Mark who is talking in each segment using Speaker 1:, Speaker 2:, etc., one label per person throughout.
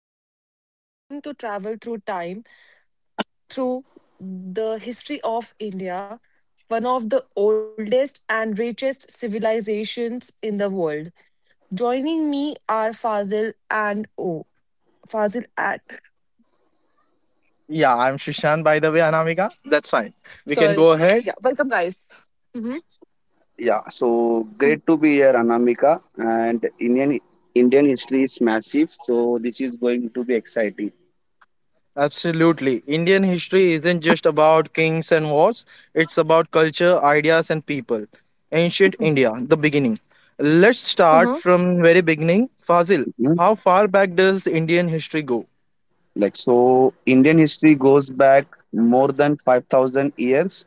Speaker 1: today we are going to travel through time through the history of India, one of the oldest and richest civilizations in the world. Joining me are Fazil and
Speaker 2: Yeah, I'm Shishan, by the way, Anamika. That's fine. We can go
Speaker 1: sorry,
Speaker 2: ahead.
Speaker 1: yeah, welcome, guys. Mm-hmm.
Speaker 3: Yeah, so great to be here, Anamika. And Indian history is massive, so this is going to be exciting.
Speaker 2: Absolutely. Indian history isn't just about kings and wars, it's about culture, ideas, and people. Ancient India, the beginning. Let's start from very beginning. Fazil,
Speaker 3: Mhm.
Speaker 2: how far back does Indian history go?
Speaker 3: Like so, Indian history goes back more than 5,000 years,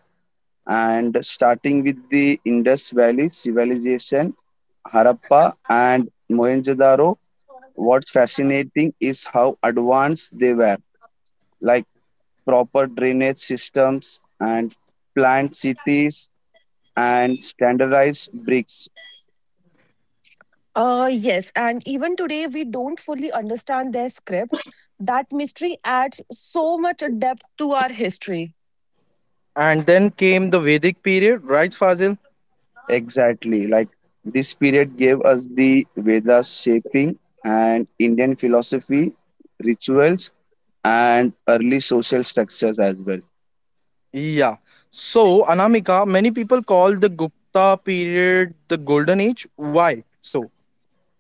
Speaker 3: and starting with the Indus Valley civilization, Harappa and Mohenjo-daro. What's fascinating is how advanced they were, like proper drainage systems and planned cities and standardized bricks.
Speaker 4: Yes, and even today we don't fully understand their script. That mystery adds so much depth to our history.
Speaker 2: And then came the Vedic period, right, Fazil?
Speaker 3: Exactly. Like this period gave us the Vedas, shaping and Indian philosophy, rituals, and early social structures as well.
Speaker 2: Yeah. So, Anamika, many people call the Gupta period the golden age. Why? So,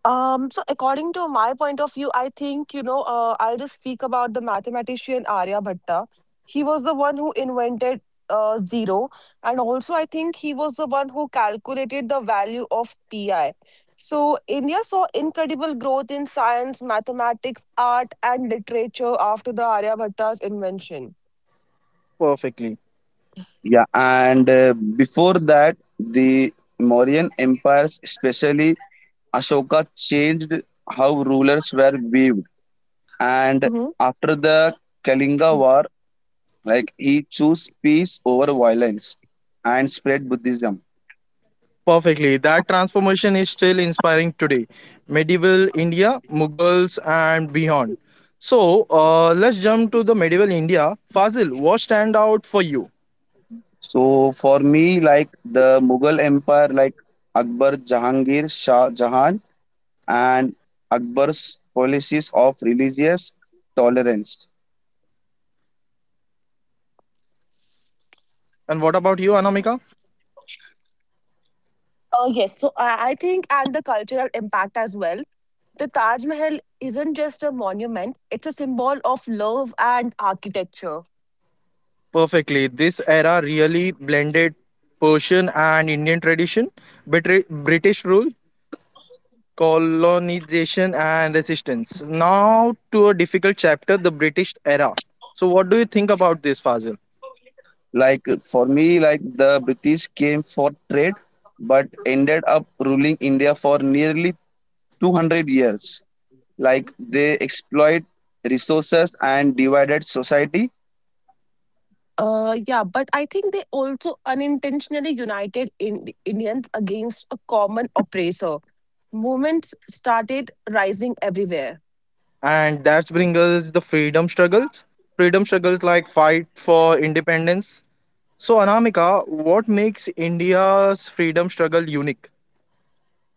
Speaker 4: So according to my point of view, I think, I'll just speak about the mathematician Aryabhatta. He was the one who invented zero. And also, I think he was the one who calculated the value of pi. So India saw incredible growth in science, mathematics, art, and literature after the Aryabhatta's invention.
Speaker 2: perfectly.
Speaker 3: Yeah, and before that, the Mauryan empires, especially Ashoka, changed how rulers were viewed. And
Speaker 4: Mhm.
Speaker 3: after the Kalinga War, like he chose peace over violence and spread Buddhism.
Speaker 2: Perfectly. That transformation is still inspiring today. Medieval India, Mughals, and beyond. So let's jump to the medieval India. Fazil, what stand out for you?
Speaker 3: So for me, like the Mughal Empire, like Akbar, Jahangir, Shah Jahan, and Akbar's policies of religious tolerance.
Speaker 2: And what about you, Anamika?
Speaker 4: Oh, yes. So I think, and the cultural impact as well. The Taj Mahal isn't just a monument, it's a symbol of love and architecture.
Speaker 2: Perfectly. This era really blended Persian and Indian tradition. British rule, colonization, and resistance. Now to a difficult chapter, the British era. So what do you think about this, Fazil?
Speaker 3: Like for me, like the British came for trade, but ended up ruling India for nearly 200 years. Like they exploit resources and divided society.
Speaker 4: Yeah, but I think they also unintentionally united Indians against a common oppressor. Movements started rising everywhere.
Speaker 2: And that's bring us the freedom struggles, like fight for independence. So, Anamika, what makes India's freedom struggle unique?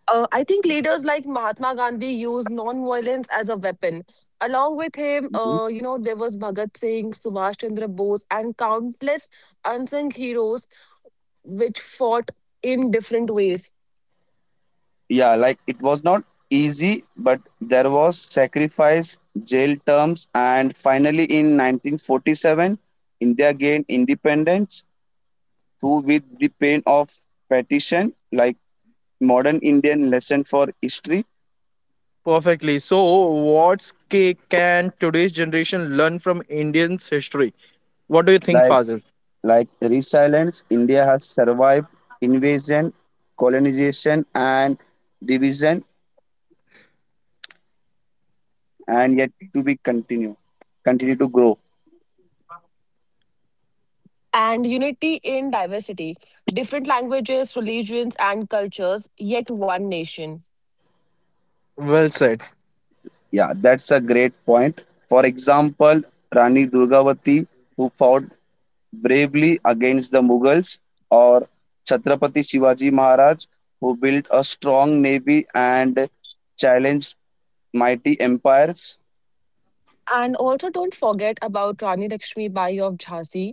Speaker 4: I think leaders like Mahatma Gandhi used non-violence as a weapon. Along with him, there was Bhagat Singh, Subhash Chandra Bose, and countless unsung heroes which fought in different ways.
Speaker 3: Yeah, like it was not easy, but there was sacrifice, jail terms, and finally in 1947 India gained independence, through with the pain of partition. Like modern Indian lesson for history,
Speaker 2: Perfectly. So what can today's generation learn from Indians history? What do you think,
Speaker 3: like
Speaker 2: Fazil?
Speaker 3: resilience. India has survived invasion, colonization, and division, and yet to be continue continue to grow.
Speaker 4: And unity in diversity, different languages, religions and cultures, yet one nation.
Speaker 2: Well said.
Speaker 3: Yeah, that's a great point. For example, Rani Durgavati, who fought bravely against the Mughals, or Chhatrapati Shivaji Maharaj, who built a strong navy and challenged mighty empires.
Speaker 4: And also don't forget about Rani Lakshmi Bai of Jhansi.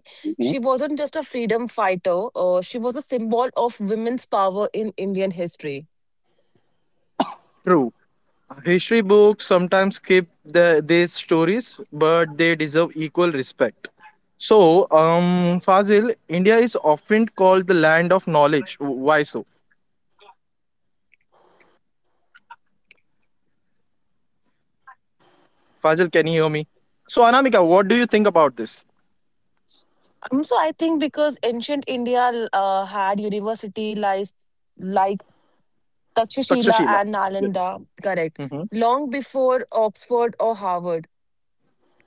Speaker 4: She wasn't just a freedom fighter, she was a symbol of women's power in Indian history.
Speaker 2: True. History books sometimes skip the, these stories, but they deserve equal respect. So Fazil, India is often called the land of knowledge. Why so? Fazil, can you hear me? So, Anamika, what do you think about this?
Speaker 4: So I think because ancient India had university like Takshashila
Speaker 2: Takshashila.
Speaker 4: and
Speaker 2: Yes.
Speaker 4: Nalanda.
Speaker 2: Hmm.
Speaker 4: Correct. Long before Oxford or Harvard.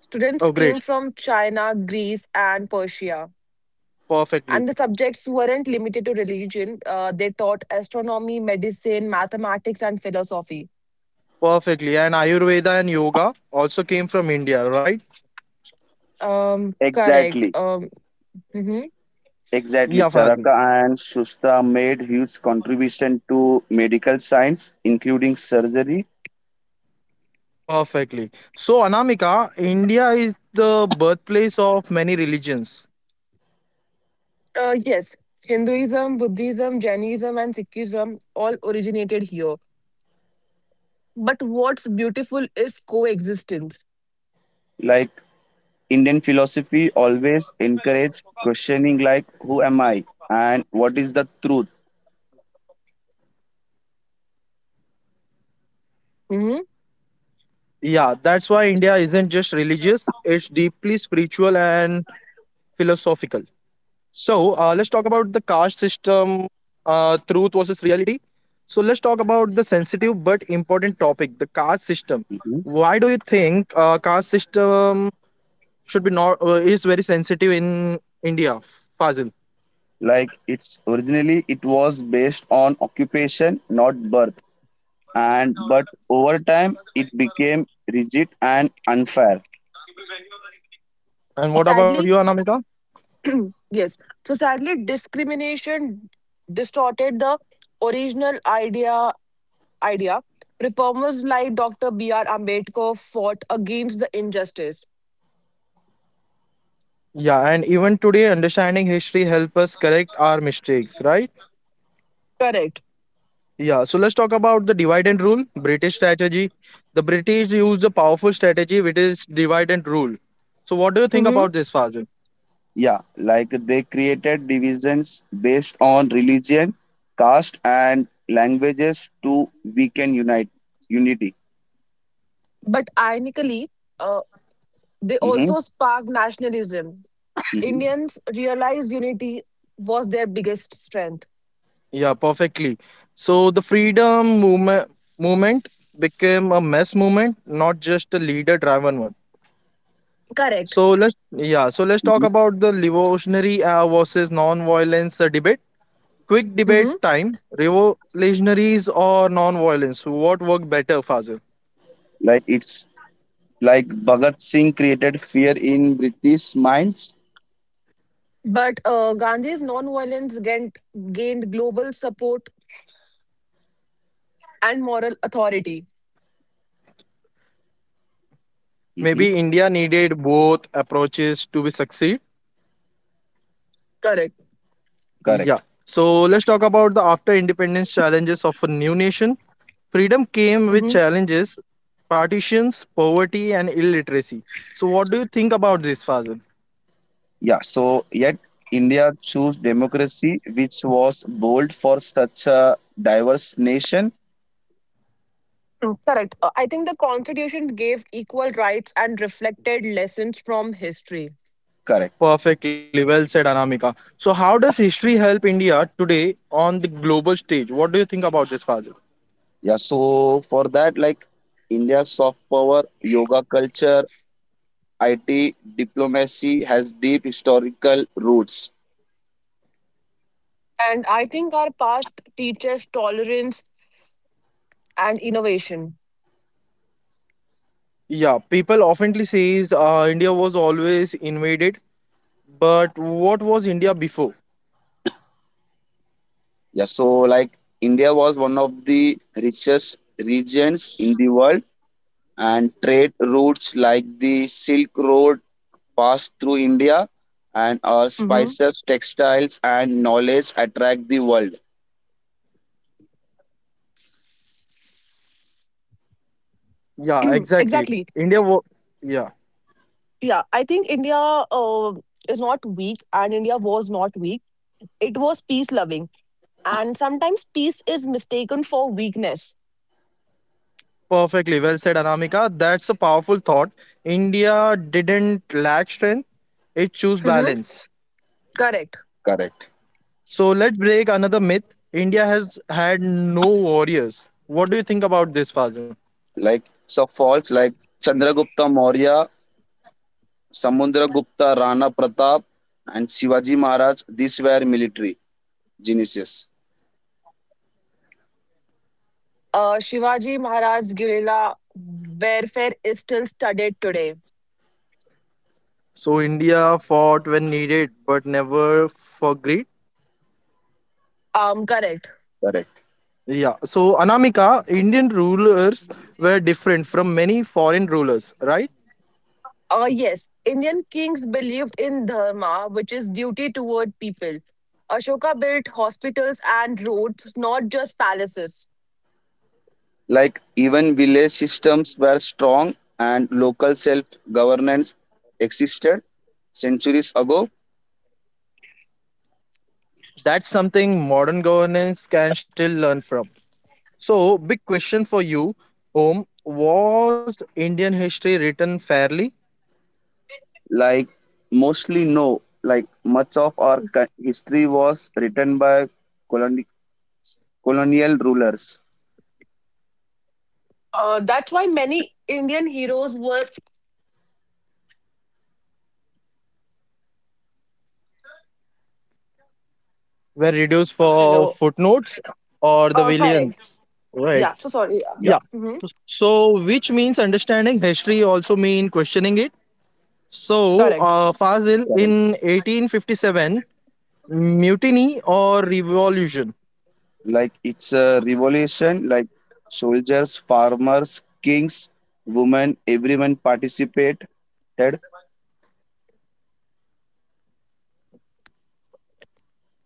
Speaker 4: Students
Speaker 2: Oh, great.
Speaker 4: came from China, Greece, and Persia.
Speaker 2: Perfectly.
Speaker 4: And the subjects weren't limited to religion. They taught astronomy, medicine, mathematics, and philosophy.
Speaker 2: Perfectly. And Ayurveda and yoga also came from India, right?
Speaker 4: Um, Correct.
Speaker 3: Exactly,
Speaker 4: Mhm.
Speaker 2: Yeah,
Speaker 3: exactly.
Speaker 2: Fazil.
Speaker 3: Charaka and Shusta made huge contribution to medical science, including surgery.
Speaker 2: Perfectly. So, Anamika, India is the birthplace of many religions.
Speaker 4: Yes, Hinduism, Buddhism, Jainism, and Sikhism all originated here. But what's beautiful is coexistence.
Speaker 3: Like Indian philosophy always encourage questioning, like who am I and what is the truth.
Speaker 2: Yeah,
Speaker 4: Mhm.
Speaker 2: that's why India isn't just religious, it's deeply spiritual and philosophical. So let's talk about the caste system, truth versus reality. So let's talk about the sensitive but important topic, the caste system.
Speaker 3: Mhm.
Speaker 2: Why do you think caste system should be not is very sensitive in India, Fazil?
Speaker 3: Like it's originally it was based on occupation, not birth, and but over time it became rigid and unfair.
Speaker 2: And what about
Speaker 4: Sadly,
Speaker 2: you, Anamika?
Speaker 4: yes. So sadly, discrimination distorted the original idea. Reformers like Dr. B.R. Ambedkar fought against the injustice.
Speaker 2: Yeah, and even today, understanding history help us correct our mistakes, right?
Speaker 4: Correct.
Speaker 2: Yeah, so let's talk about the divide and rule, British strategy. The British used a powerful strategy which is divide and rule. So what do you think
Speaker 4: Hmm.
Speaker 2: about this, Fazil?
Speaker 3: Yeah, like they created divisions based on religion, caste, and languages to weaken unite unity.
Speaker 4: But ironically, uh, they
Speaker 3: Hmm.
Speaker 4: also sparked nationalism.
Speaker 3: Hmm.
Speaker 4: Indians realized unity was their biggest strength.
Speaker 2: Yeah, perfectly. So the freedom movement became a mass movement, not just a leader driven one.
Speaker 4: Correct.
Speaker 2: So let's, yeah, so let's talk
Speaker 3: Hmm,
Speaker 2: about the revolutionary versus non-violence debate. Quick debate
Speaker 4: Hmm.
Speaker 2: time, revolutionaries or non-violence, what worked better, Fazil?
Speaker 3: like it's like Bhagat Singh created fear in British minds.
Speaker 4: But Gandhi's non-violence gained global support and moral authority.
Speaker 3: Hmm.
Speaker 2: Maybe India needed both approaches to be succeed.
Speaker 4: Correct.
Speaker 2: Yeah.
Speaker 3: Correct.
Speaker 2: So let's talk about the after independence challenges of a new nation. Freedom came with
Speaker 4: Hmm.
Speaker 2: challenges, partitions, poverty, and illiteracy. So what do you think about this, Fazil?
Speaker 3: Yeah, so yet India chose democracy, which was bold for such a diverse nation.
Speaker 4: Correct. I think the Constitution gave equal rights and reflected lessons from history.
Speaker 3: Correct.
Speaker 2: Perfectly well said, Anamika. So how does history help India today on the global stage? What do you think about this, Fazil?
Speaker 3: Yeah, so for that, like India's soft power, yoga culture, IT diplomacy has deep historical roots.
Speaker 4: And I think our past teaches tolerance and innovation.
Speaker 2: Yeah, people oftenly says India was always invaded, but what was India before?
Speaker 3: Yeah, so like India was one of the richest regions in the world, and trade routes like the Silk Road passed through India, and
Speaker 4: Hmm.
Speaker 3: spices, textiles, and knowledge attract the world.
Speaker 2: Yeah, exactly.
Speaker 4: Exactly.
Speaker 2: India, wo- yeah,
Speaker 4: Yeah, I think India is not weak, and India was not weak. It was peace loving, and sometimes peace is mistaken for weakness.
Speaker 2: perfectly well said, Anamika. That's a powerful thought. India didn't lack strength, it chose
Speaker 4: Hmm.
Speaker 2: balance.
Speaker 4: Correct.
Speaker 3: Correct.
Speaker 2: So let's break another myth. India has had no warriors. What do you think about this, Fazil?
Speaker 3: Like so, falls like Chandragupta Maurya, Samudragupta Rana Pratap, and Shivaji Maharaj. These were military geniuses.
Speaker 4: Shivaji Maharaj's guerrilla warfare is still studied today.
Speaker 2: So India fought when needed, but never for greed.
Speaker 4: Correct.
Speaker 3: Correct.
Speaker 2: Yeah. So Anamika, Indian rulers were different from many foreign rulers, right?
Speaker 4: Yes, Indian kings believed in dharma, which is duty toward people. Ashoka built hospitals and roads, not just palaces.
Speaker 3: Like even village systems were strong, and local self governance existed centuries ago.
Speaker 2: That's something modern governance can still learn from. So, big question for you, Om. Was Indian history written fairly?
Speaker 3: Like mostly no, like much of our history was written by coloni- colonial rulers.
Speaker 4: That's why many Indian heroes were.
Speaker 2: Were reduced for
Speaker 4: Hello.
Speaker 2: footnotes or the
Speaker 4: Correct.
Speaker 2: villains? Right.
Speaker 4: Yeah, so sorry. Yeah.
Speaker 3: Yeah,
Speaker 2: Yeah.
Speaker 4: Hmm.
Speaker 2: So, which means understanding history also mean questioning it. So,
Speaker 4: Correct.
Speaker 2: Fazil,
Speaker 3: correct.
Speaker 2: in 1857, mutiny or revolution?
Speaker 3: Like it's a revolution. Like soldiers, farmers, kings, women, everyone participated.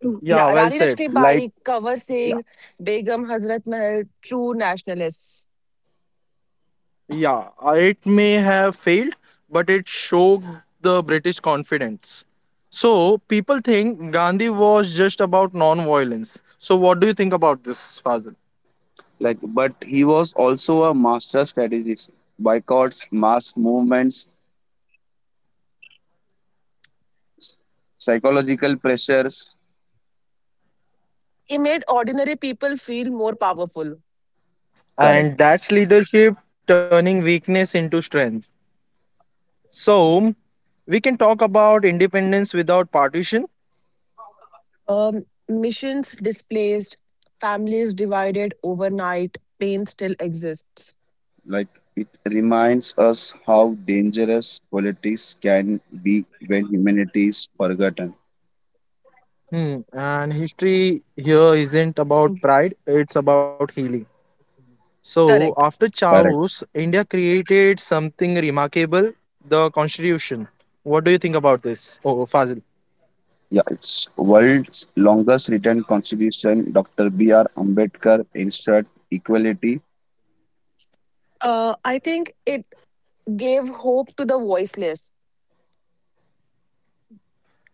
Speaker 4: Mm,
Speaker 2: Yeah,
Speaker 4: yeah,
Speaker 2: well
Speaker 4: Rani
Speaker 2: said.
Speaker 3: Like
Speaker 4: Lakshmibai, Kavar
Speaker 3: yeah.
Speaker 4: Singh, Begum Hazrat Mahal, true nationalists.
Speaker 2: Yeah, it may have failed, but it showed the British confidence. So people think Gandhi was just about non-violence. So what do you think about this, Fazil?
Speaker 3: Like, but he was also a master strategist. Boycotts, mass movements, psychological pressures.
Speaker 4: He made ordinary people feel more powerful.
Speaker 3: Correct.
Speaker 2: And that's leadership turning weakness into strength. So we can talk about independence without partition.
Speaker 4: Missions displaced, families divided overnight, pain still exists.
Speaker 3: Like, it reminds us how dangerous politics can be when humanity is forgotten.
Speaker 2: Hmm. And history here isn't
Speaker 4: Mm,
Speaker 2: about pride; it's about healing. So,
Speaker 4: correct.
Speaker 2: after
Speaker 3: Correct.
Speaker 2: Chaos, India created something remarkable, the Constitution. What do you think about this, oh, Fazil?
Speaker 3: Yeah, it's world's longest written constitution. Dr. B.R. Ambedkar ensured equality.
Speaker 4: I think it gave hope to the voiceless.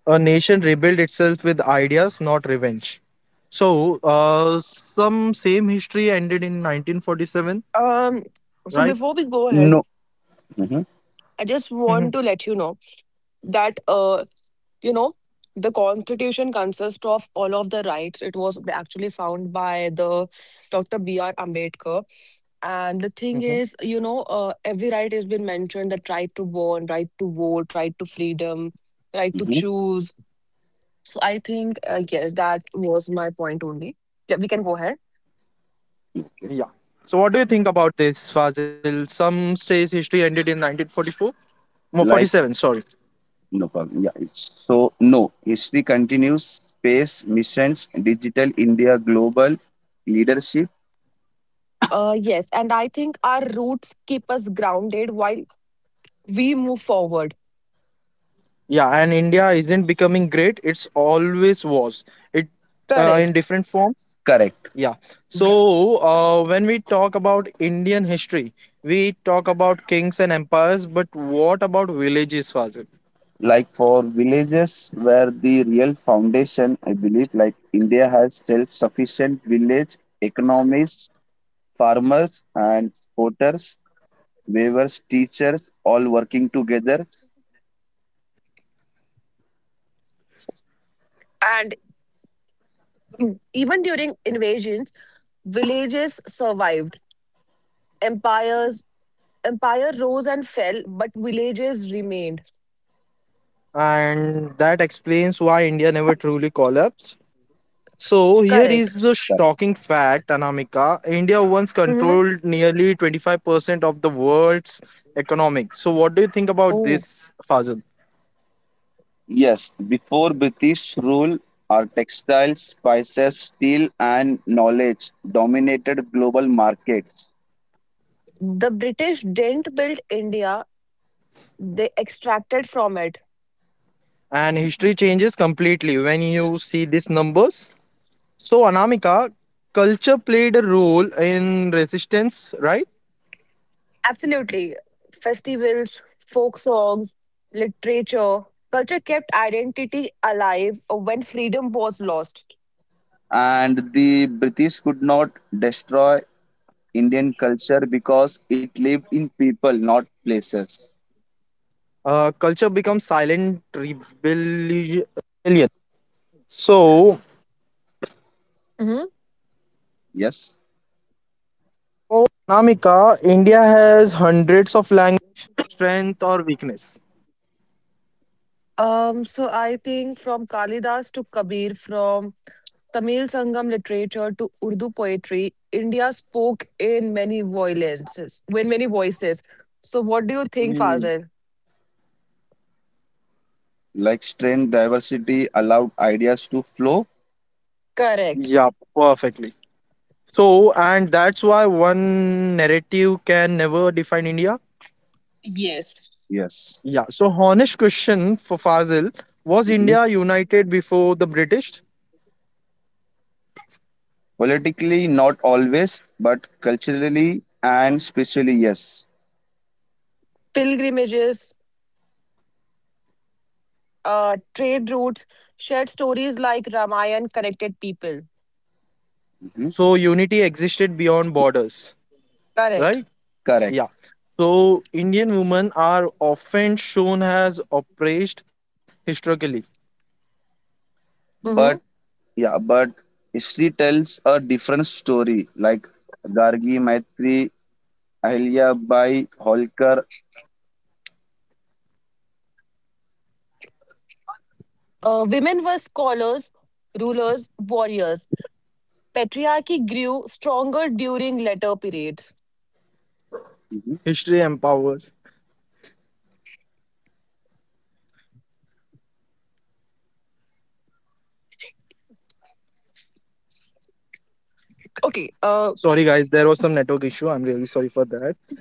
Speaker 2: A nation rebuilt itself with ideas, not revenge. So, some same history ended in 1947,
Speaker 4: Um, so
Speaker 2: right?
Speaker 4: before we go ahead,
Speaker 3: No. Hmm.
Speaker 4: I just
Speaker 2: Hmm.
Speaker 4: want to let you know that you know the constitution consists of all of the rights. It was actually found by the Dr. B.R. Ambedkar And the thing is,
Speaker 2: Hmm.
Speaker 4: every right has been mentioned: that right to born, right to vote, right to freedom, right to
Speaker 3: Hmm.
Speaker 4: choose. So I think yes, that was my point only. Yeah, we can go ahead.
Speaker 3: Okay.
Speaker 2: Yeah. So, what do you think about this, Fazil? Some states' history ended in 1944, no,
Speaker 3: Like.
Speaker 2: 47, sorry.
Speaker 3: No problem. Yeah. So, no, history continues, space missions, digital India, global leadership.
Speaker 4: Yes, and I think our roots keep us grounded while we move forward.
Speaker 2: Yeah, and India isn't becoming great, it's always was. It
Speaker 4: Correct.
Speaker 2: in different forms.
Speaker 3: Correct.
Speaker 2: Yeah. So when we talk about Indian history, we talk about kings and empires, but what about villages, Fazil?
Speaker 3: Like for villages where the real foundation, I believe, like India has self sufficient village economies, farmers and potters, weavers, teachers, all working together.
Speaker 4: And even during invasions villages survived. Empires empire rose and fell, but villages remained.
Speaker 2: And that explains why India never truly collapsed. So here is the
Speaker 4: Correct.
Speaker 2: shocking fact, Anamika. India once
Speaker 4: Hmm.
Speaker 2: controlled nearly 25% of the world's economic. So what do you think about
Speaker 4: Oh,
Speaker 2: this, Fazil?
Speaker 3: Yes, before British rule, our textiles, spices, steel, and knowledge dominated global markets.
Speaker 4: the British didn't build India; they extracted from it.
Speaker 2: And history changes completely when you see these numbers. So, Anamika, culture played a role in resistance, right?
Speaker 4: Absolutely, festivals, folk songs, literature, culture kept identity alive when freedom was lost.
Speaker 3: And the British could not destroy Indian culture, because it lived in people, not places.
Speaker 2: Culture becomes silent rebel.
Speaker 4: Hmm.
Speaker 3: Yes,
Speaker 4: So I think from Kalidas to Kabir, from Tamil Sangam literature to Urdu poetry, India spoke in many voices. When many voices. So, what do you think,
Speaker 2: Mm,
Speaker 4: Fazil?
Speaker 3: like strength, diversity allowed ideas to flow.
Speaker 4: Correct.
Speaker 2: yeah, perfectly. So, and that's why one narrative can never define India.
Speaker 4: Yes.
Speaker 3: Yes.
Speaker 2: Yeah. So, honest question for Fazil, was
Speaker 3: Mhm.
Speaker 2: India united before the British?
Speaker 3: Politically, not always, but culturally and spiritually, yes.
Speaker 4: Pilgrimages, trade routes, shared stories like Ramayana connected people.
Speaker 3: Mhm.
Speaker 2: So, unity existed beyond borders,
Speaker 4: Correct.
Speaker 2: right? Yeah.
Speaker 3: Correct.
Speaker 2: So, Indian women are often shown as oppressed historically.
Speaker 4: Hmm.
Speaker 3: But yeah, but Ishri tells a different story. Like Gargi, Maitri, Ahilya Bai, Holkar.
Speaker 4: Women were scholars, rulers, warriors. Patriarchy grew stronger during later periods.
Speaker 3: Mhm.
Speaker 2: History empowers.
Speaker 4: Okay.
Speaker 2: Sorry, guys, there was some network issue. I'm really sorry for that.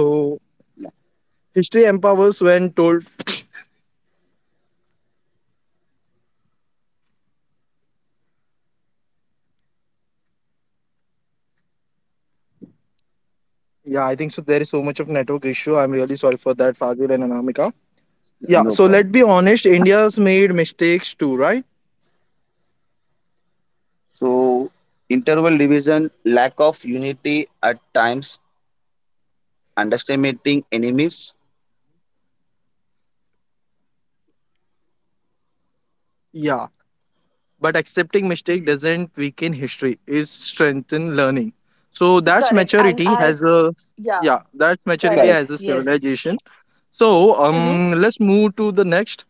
Speaker 2: So,
Speaker 3: Yeah,
Speaker 2: history empowers when told. Yeah, I think so. There is so much of network issue. I'm really sorry for that, Fazil and Anamika.
Speaker 3: yeah,
Speaker 2: Yeah,
Speaker 3: no
Speaker 2: so
Speaker 3: problem.
Speaker 2: let's be honest, India's made mistakes too, right?
Speaker 3: So interval division, lack of unity at times, underestimating enemies.
Speaker 2: Yeah, but accepting mistake doesn't weaken history. It strengthens learning. So that's
Speaker 4: Correct. And
Speaker 2: maturity
Speaker 4: I,
Speaker 2: has a,
Speaker 4: yeah,
Speaker 2: yeah, that's maturity
Speaker 3: Correct.
Speaker 4: correct.
Speaker 2: as
Speaker 4: Yes.
Speaker 2: civilization. So
Speaker 4: Mhm.
Speaker 2: let's move to the next.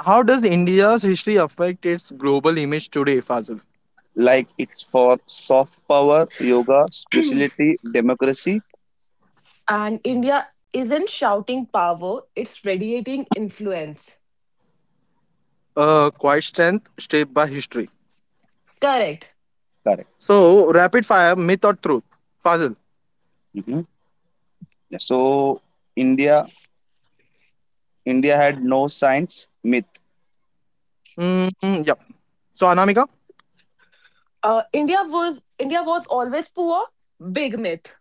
Speaker 2: How does India's history affect its global image today, Fazil?
Speaker 3: Like it's for soft power, yoga, spirituality, democracy.
Speaker 4: And India isn't shouting power, it's radiating influence.
Speaker 2: Quite strength shaped by history.
Speaker 4: Correct.
Speaker 3: Correct.
Speaker 2: So rapid fire, myth or truth, Fazil?
Speaker 3: Hmm. Yeah. So India, India had no science myth.
Speaker 2: Mm, yep. So Anamika?
Speaker 4: India was always poor, big myth.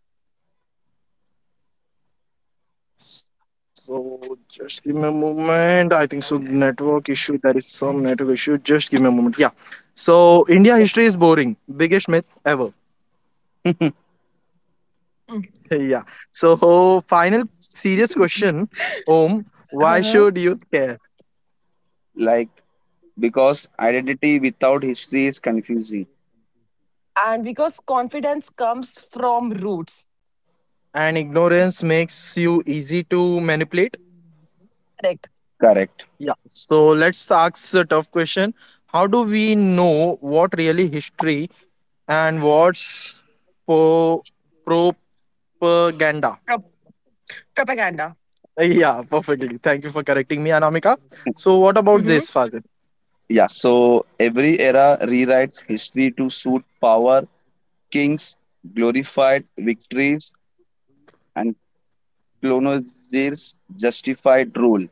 Speaker 2: So just give me a moment. I think so network issue. There is some network issue. Just give me a moment. Yeah. So India history
Speaker 4: Okay.
Speaker 2: is boring. Biggest myth ever.
Speaker 4: Mm.
Speaker 2: Yeah. So final serious question, Om, why
Speaker 4: Uh-huh.
Speaker 2: should you care?
Speaker 3: Like, because identity without history is confusing.
Speaker 4: And because confidence comes from roots.
Speaker 2: And ignorance makes you easy to manipulate.
Speaker 4: Correct.
Speaker 3: Correct.
Speaker 2: Yeah. So let's ask a tough question. How do we know what really history and what's po propaganda?
Speaker 4: prop- Propaganda.
Speaker 2: Yeah, perfectly. Thank you for correcting me, Anamika. So, what about
Speaker 4: Mm-hmm.
Speaker 2: this, Fazit?
Speaker 3: Yeah, so every era rewrites history to suit power, kings, glorified victories, and colonizers' justified rule.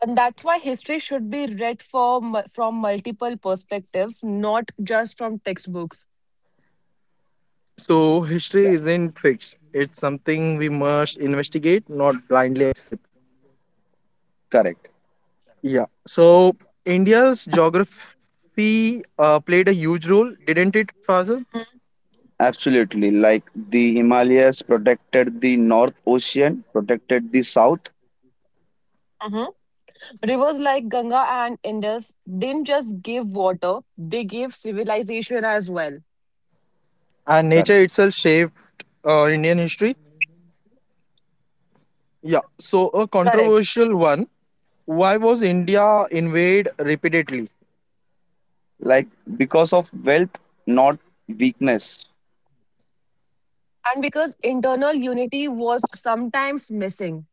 Speaker 4: And that's why history should be read for, from multiple perspectives, not just from textbooks.
Speaker 2: So,
Speaker 3: Yeah,
Speaker 2: history isn't fixed, it's something we must investigate, not blindly accept.
Speaker 3: correct.
Speaker 2: Yeah. So, India's geography played a huge role, didn't it, Fazit?
Speaker 3: Absolutely. Like the Himalayas protected the North, Ocean protected the South.
Speaker 4: Mm-hmm. Rivers like Ganga and Indus didn't just give water, they gave civilization as well.
Speaker 2: And
Speaker 3: Correct.
Speaker 2: nature itself shaped Indian history. Yeah. So, a
Speaker 4: Correct.
Speaker 2: controversial one, why was India invaded repeatedly?
Speaker 3: Like because of wealth, not weakness.
Speaker 4: And because internal unity was sometimes missing.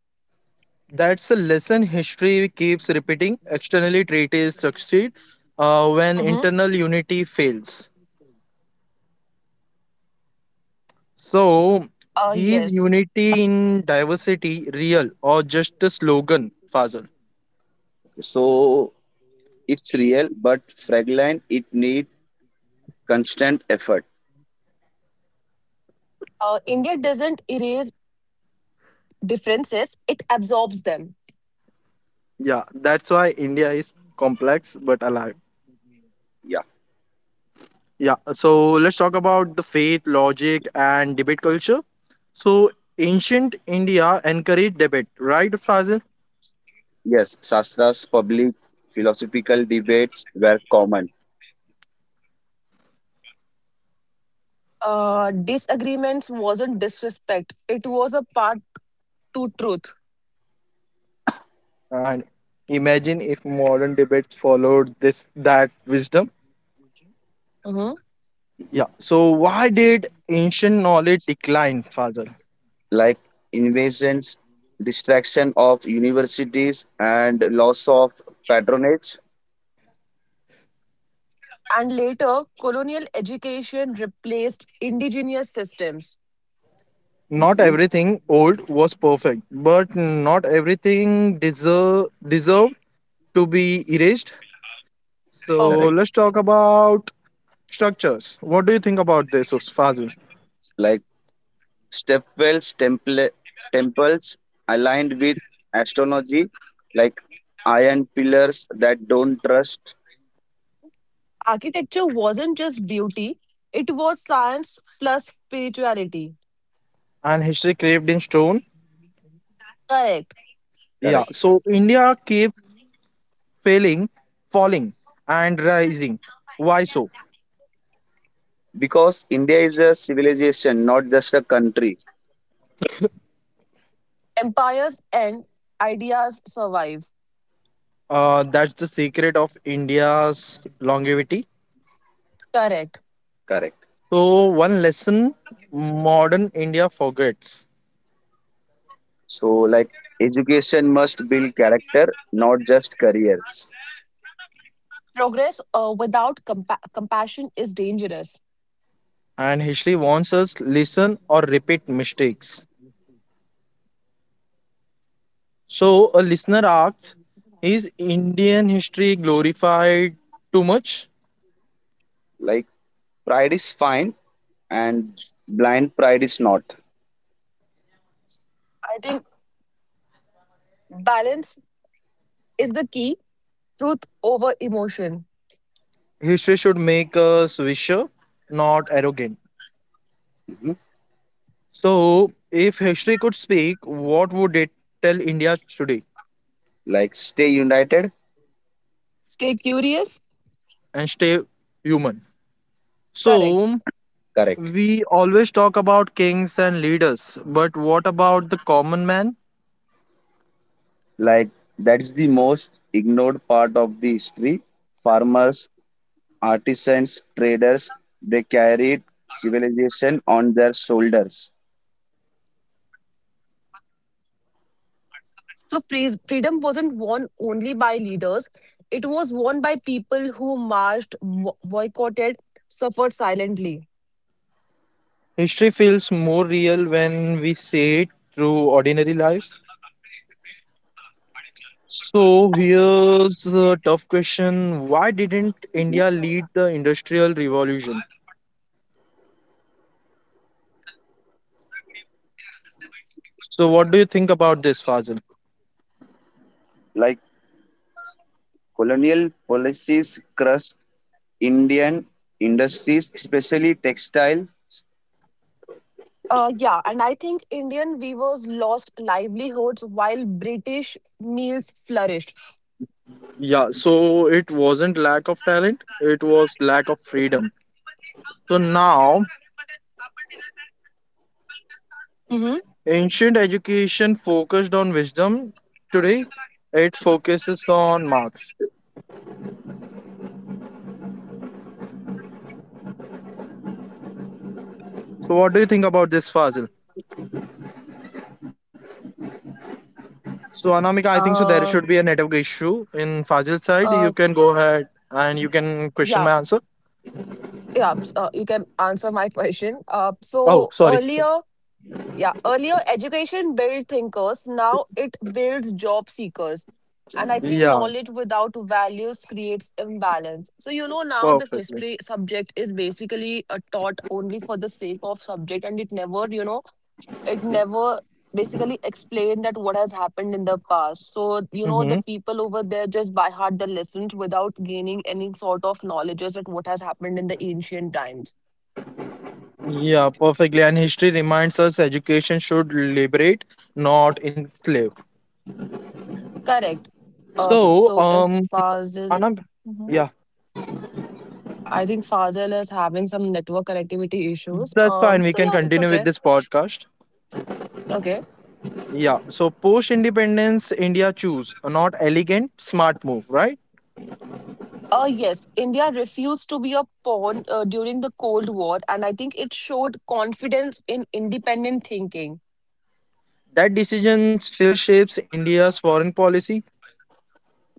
Speaker 2: That's a lesson history keeps repeating. Externally, treaties succeed when
Speaker 4: Hmm.
Speaker 2: internal unity fails. So, is
Speaker 4: Yes.
Speaker 2: unity in diversity real or just a slogan, Fazal?
Speaker 3: So it's real, but fragile. It need constant effort.
Speaker 4: India doesn't erase differences, it absorbs them.
Speaker 2: Yeah, that's why India is complex but alive.
Speaker 3: Yeah.
Speaker 2: Yeah, so let's talk about the faith, logic, and debate culture. So, ancient India encouraged debate, right, Fazil?
Speaker 3: Yes, Shastra's public philosophical debates were common.
Speaker 4: Disagreements wasn't disrespect, it was a part to truth.
Speaker 2: And imagine if modern debates followed this that wisdom.
Speaker 4: Hmm.
Speaker 3: Mhm.
Speaker 2: Yeah. So why did ancient knowledge decline, Father?
Speaker 3: Like invasions, distraction of universities, and loss of patronage.
Speaker 4: And later, colonial education replaced indigenous systems.
Speaker 2: Not
Speaker 3: Hmm.
Speaker 2: everything old was perfect, but not everything deserved to be erased. So
Speaker 3: Correct.
Speaker 4: Perfect.
Speaker 2: let's talk about structures. What do you think about this, Fazil?
Speaker 3: Like stepwells, temples aligned with astrology, like iron pillars that don't trust.
Speaker 4: Architecture wasn't just beauty, it was science plus spirituality.
Speaker 2: And history craved in stone.
Speaker 4: Correct.
Speaker 3: Correct.
Speaker 2: Yeah. So India keeps failing, falling, and rising. Why so?
Speaker 3: Because India is a civilization, not just a country.
Speaker 4: Empires end, ideas survive.
Speaker 2: That's the secret of India's longevity.
Speaker 4: Correct.
Speaker 3: Correct.
Speaker 2: So, one lesson modern India forgets,
Speaker 3: So, like, education must build character, not just careers.
Speaker 4: Progress without compassion is dangerous.
Speaker 2: and history wants us listen or repeat mistakes. So, a listener asks, is Indian history glorified too much?
Speaker 3: Like, pride is fine, and blind pride is not.
Speaker 4: I think balance is the key. Truth over emotion.
Speaker 2: History should make us wiser, not arrogant.
Speaker 3: Mhm.
Speaker 2: So, if history could speak, what would it tell India today
Speaker 3: Like, stay united.
Speaker 4: Stay curious.
Speaker 2: and stay human?
Speaker 4: Correct.
Speaker 2: So, we always talk about kings and leaders, but what about the common man?
Speaker 3: Like, that is the most ignored part of the history. Farmers, artisans, traders, they carried civilization on their shoulders.
Speaker 4: So freedom wasn't won only by leaders. It was won by people who marched, boycotted, suffered silently.
Speaker 2: History feels more real when we see it through ordinary lives. So here's a tough question. Why didn't
Speaker 3: Mhm.
Speaker 2: India lead the Industrial Revolution? So what do you think about this, Fazil?
Speaker 3: Like, colonial policies crushed Indian industries, especially textiles.
Speaker 4: Yeah, and I think Indian weavers lost livelihoods while British meals flourished.
Speaker 2: Yeah, so it wasn't lack of talent, it was lack of freedom. So now
Speaker 4: hmm.
Speaker 2: ancient education focused on wisdom. Today it focuses on marks. So what do you think about this, Fazil? So Anamika, I think so there
Speaker 4: Uh,
Speaker 2: should be a network issue in Fazil's side. You
Speaker 4: uh,
Speaker 2: can go ahead and you can question
Speaker 4: yeah,
Speaker 2: my answer.
Speaker 4: you can answer my question. Uh,
Speaker 2: Oh,
Speaker 4: so
Speaker 2: sorry.
Speaker 4: earlier, yeah, earlier education built thinkers. Now it builds job seekers. And I think
Speaker 2: Yeah,
Speaker 4: knowledge without values creates imbalance. So you know now the
Speaker 2: perfectly.
Speaker 4: history subject is basically taught only for the sake of subject, and it never it never basically explained that what has happened in the past. So, you know, the
Speaker 2: Mm-hmm.
Speaker 4: people over there just by heart the lessons without gaining any sort of knowledge at what has happened in the ancient times.
Speaker 2: Yeah, perfectly. And history reminds us education should liberate, not enslave.
Speaker 4: Correct.
Speaker 2: So,
Speaker 4: So is Fazil.
Speaker 2: Anam,
Speaker 4: Mhm.
Speaker 2: yeah,
Speaker 4: I think Fazil is having some network connectivity issues.
Speaker 2: that's fine. We
Speaker 4: So
Speaker 2: can
Speaker 4: yeah, it's
Speaker 2: continue with
Speaker 4: okay.
Speaker 2: this podcast.
Speaker 4: Okay.
Speaker 2: Yeah, so post independence, India choose a not elegant, smart move, right?
Speaker 4: Yes, India refused to be a pawn during the Cold War, and I think it showed confidence in independent thinking.
Speaker 2: That decision still shapes India's foreign policy.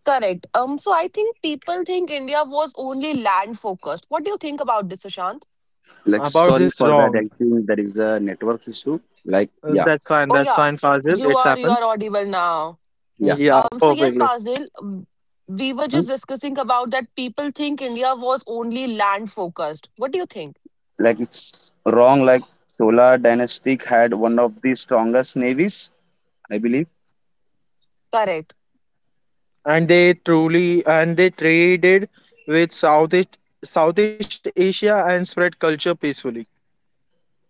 Speaker 4: Correct. So I think people think India was only land focused. What do you think about this, Ashant?
Speaker 3: Like,
Speaker 2: About
Speaker 3: sorry
Speaker 2: this
Speaker 3: for that. I
Speaker 2: wrong.
Speaker 3: think there is a network issue. Like, yeah,
Speaker 2: That's fine.
Speaker 4: Oh
Speaker 2: That's
Speaker 4: yeah,
Speaker 2: fine, Fazil.
Speaker 4: you
Speaker 2: It's
Speaker 4: are
Speaker 2: happened.
Speaker 4: audible now.
Speaker 3: yeah.
Speaker 2: Yeah,
Speaker 4: So yes,
Speaker 2: perfectly.
Speaker 4: Fazil, we were
Speaker 3: Hmm?
Speaker 4: just discussing about that people think India was only land focused. What do you think?
Speaker 3: Like, it's wrong. Like, Chola dynasty had one of the strongest navies, I believe.
Speaker 4: Correct.
Speaker 2: And they truly and they traded with Southeast Asia and spread culture peacefully.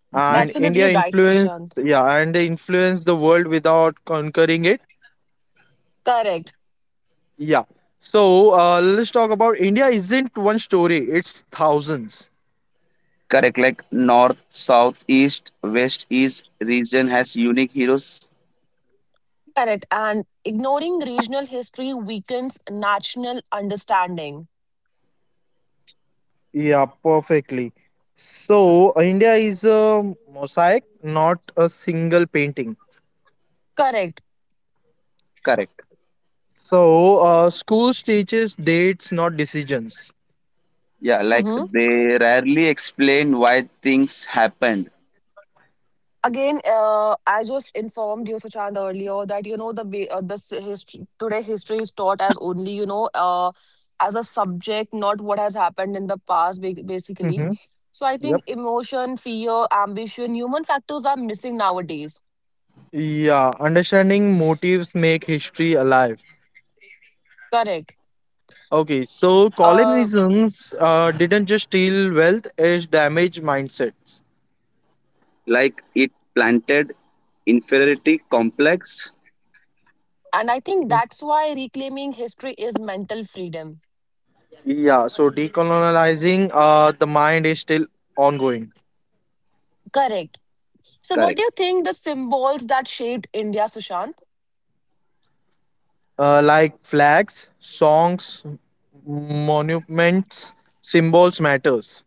Speaker 3: Hmm.
Speaker 2: India
Speaker 4: Absolutely right,
Speaker 2: influenced,
Speaker 4: Sushant.
Speaker 2: yeah, and they influenced the world without conquering it.
Speaker 4: Correct.
Speaker 2: Yeah. So let's talk about India. Isn't one story? It's thousands.
Speaker 3: Correct. Like, north, south, east, west, east region has unique heroes.
Speaker 4: Correct. And ignoring regional history weakens national understanding.
Speaker 2: Yeah, perfectly. So India is a mosaic, not a single painting.
Speaker 4: Correct.
Speaker 3: Correct.
Speaker 2: So, schools teaches dates, not decisions.
Speaker 3: Yeah. Like,
Speaker 4: Mhm.
Speaker 3: they rarely explain why things happened.
Speaker 4: Again, I just informed you, Sushant, earlier that you know the ba- the s- history today history is taught as only you know as a subject, not what has happened in the past, basically.
Speaker 2: Mm-hmm.
Speaker 4: So I
Speaker 2: Yep.
Speaker 4: think emotion, fear, ambition, human factors are missing nowadays.
Speaker 2: Yeah, understanding motives make history alive.
Speaker 4: Correct.
Speaker 2: Okay, so
Speaker 4: Uh,
Speaker 2: colonialisms didn't just steal wealth, it damaged mindsets.
Speaker 3: Like, it planted inferiority complex.
Speaker 4: and I think
Speaker 2: Mm.
Speaker 4: that's why reclaiming history is mental freedom.
Speaker 2: Yeah, so decolonizing the mind is still ongoing.
Speaker 4: Correct. So what
Speaker 3: Correct.
Speaker 4: do you think the symbols that shaped India, Sushant?
Speaker 2: Like flags, songs, monuments, symbols matters.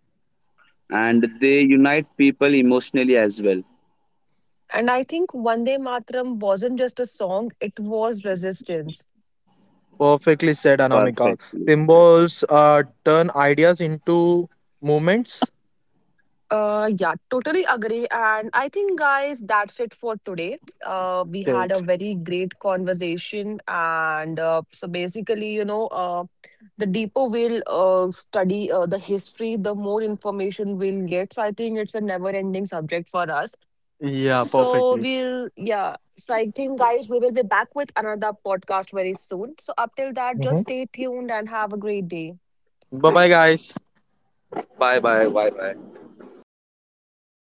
Speaker 3: And they unite people emotionally as well.
Speaker 4: And I think Vande Matram wasn't just a song, it was resistance.
Speaker 2: Perfectly said, Anamika.
Speaker 3: Perfectly said.
Speaker 2: Symbols turn ideas into movements.
Speaker 4: Yeah, totally agree. And I think, guys, that's it for today. We
Speaker 2: Okay.
Speaker 4: had a very great conversation. And so basically, you know, the deeper we'll study the history, the more information we'll get. So I think it's a never ending subject for us.
Speaker 2: Yeah,
Speaker 4: So
Speaker 2: perfectly.
Speaker 4: we'll, yeah. So I think, guys, we will be back with another podcast very soon. So up till that,
Speaker 2: Hmm.
Speaker 4: just stay tuned and have a great day.
Speaker 2: Bye bye, guys.
Speaker 3: Bye bye. Bye bye.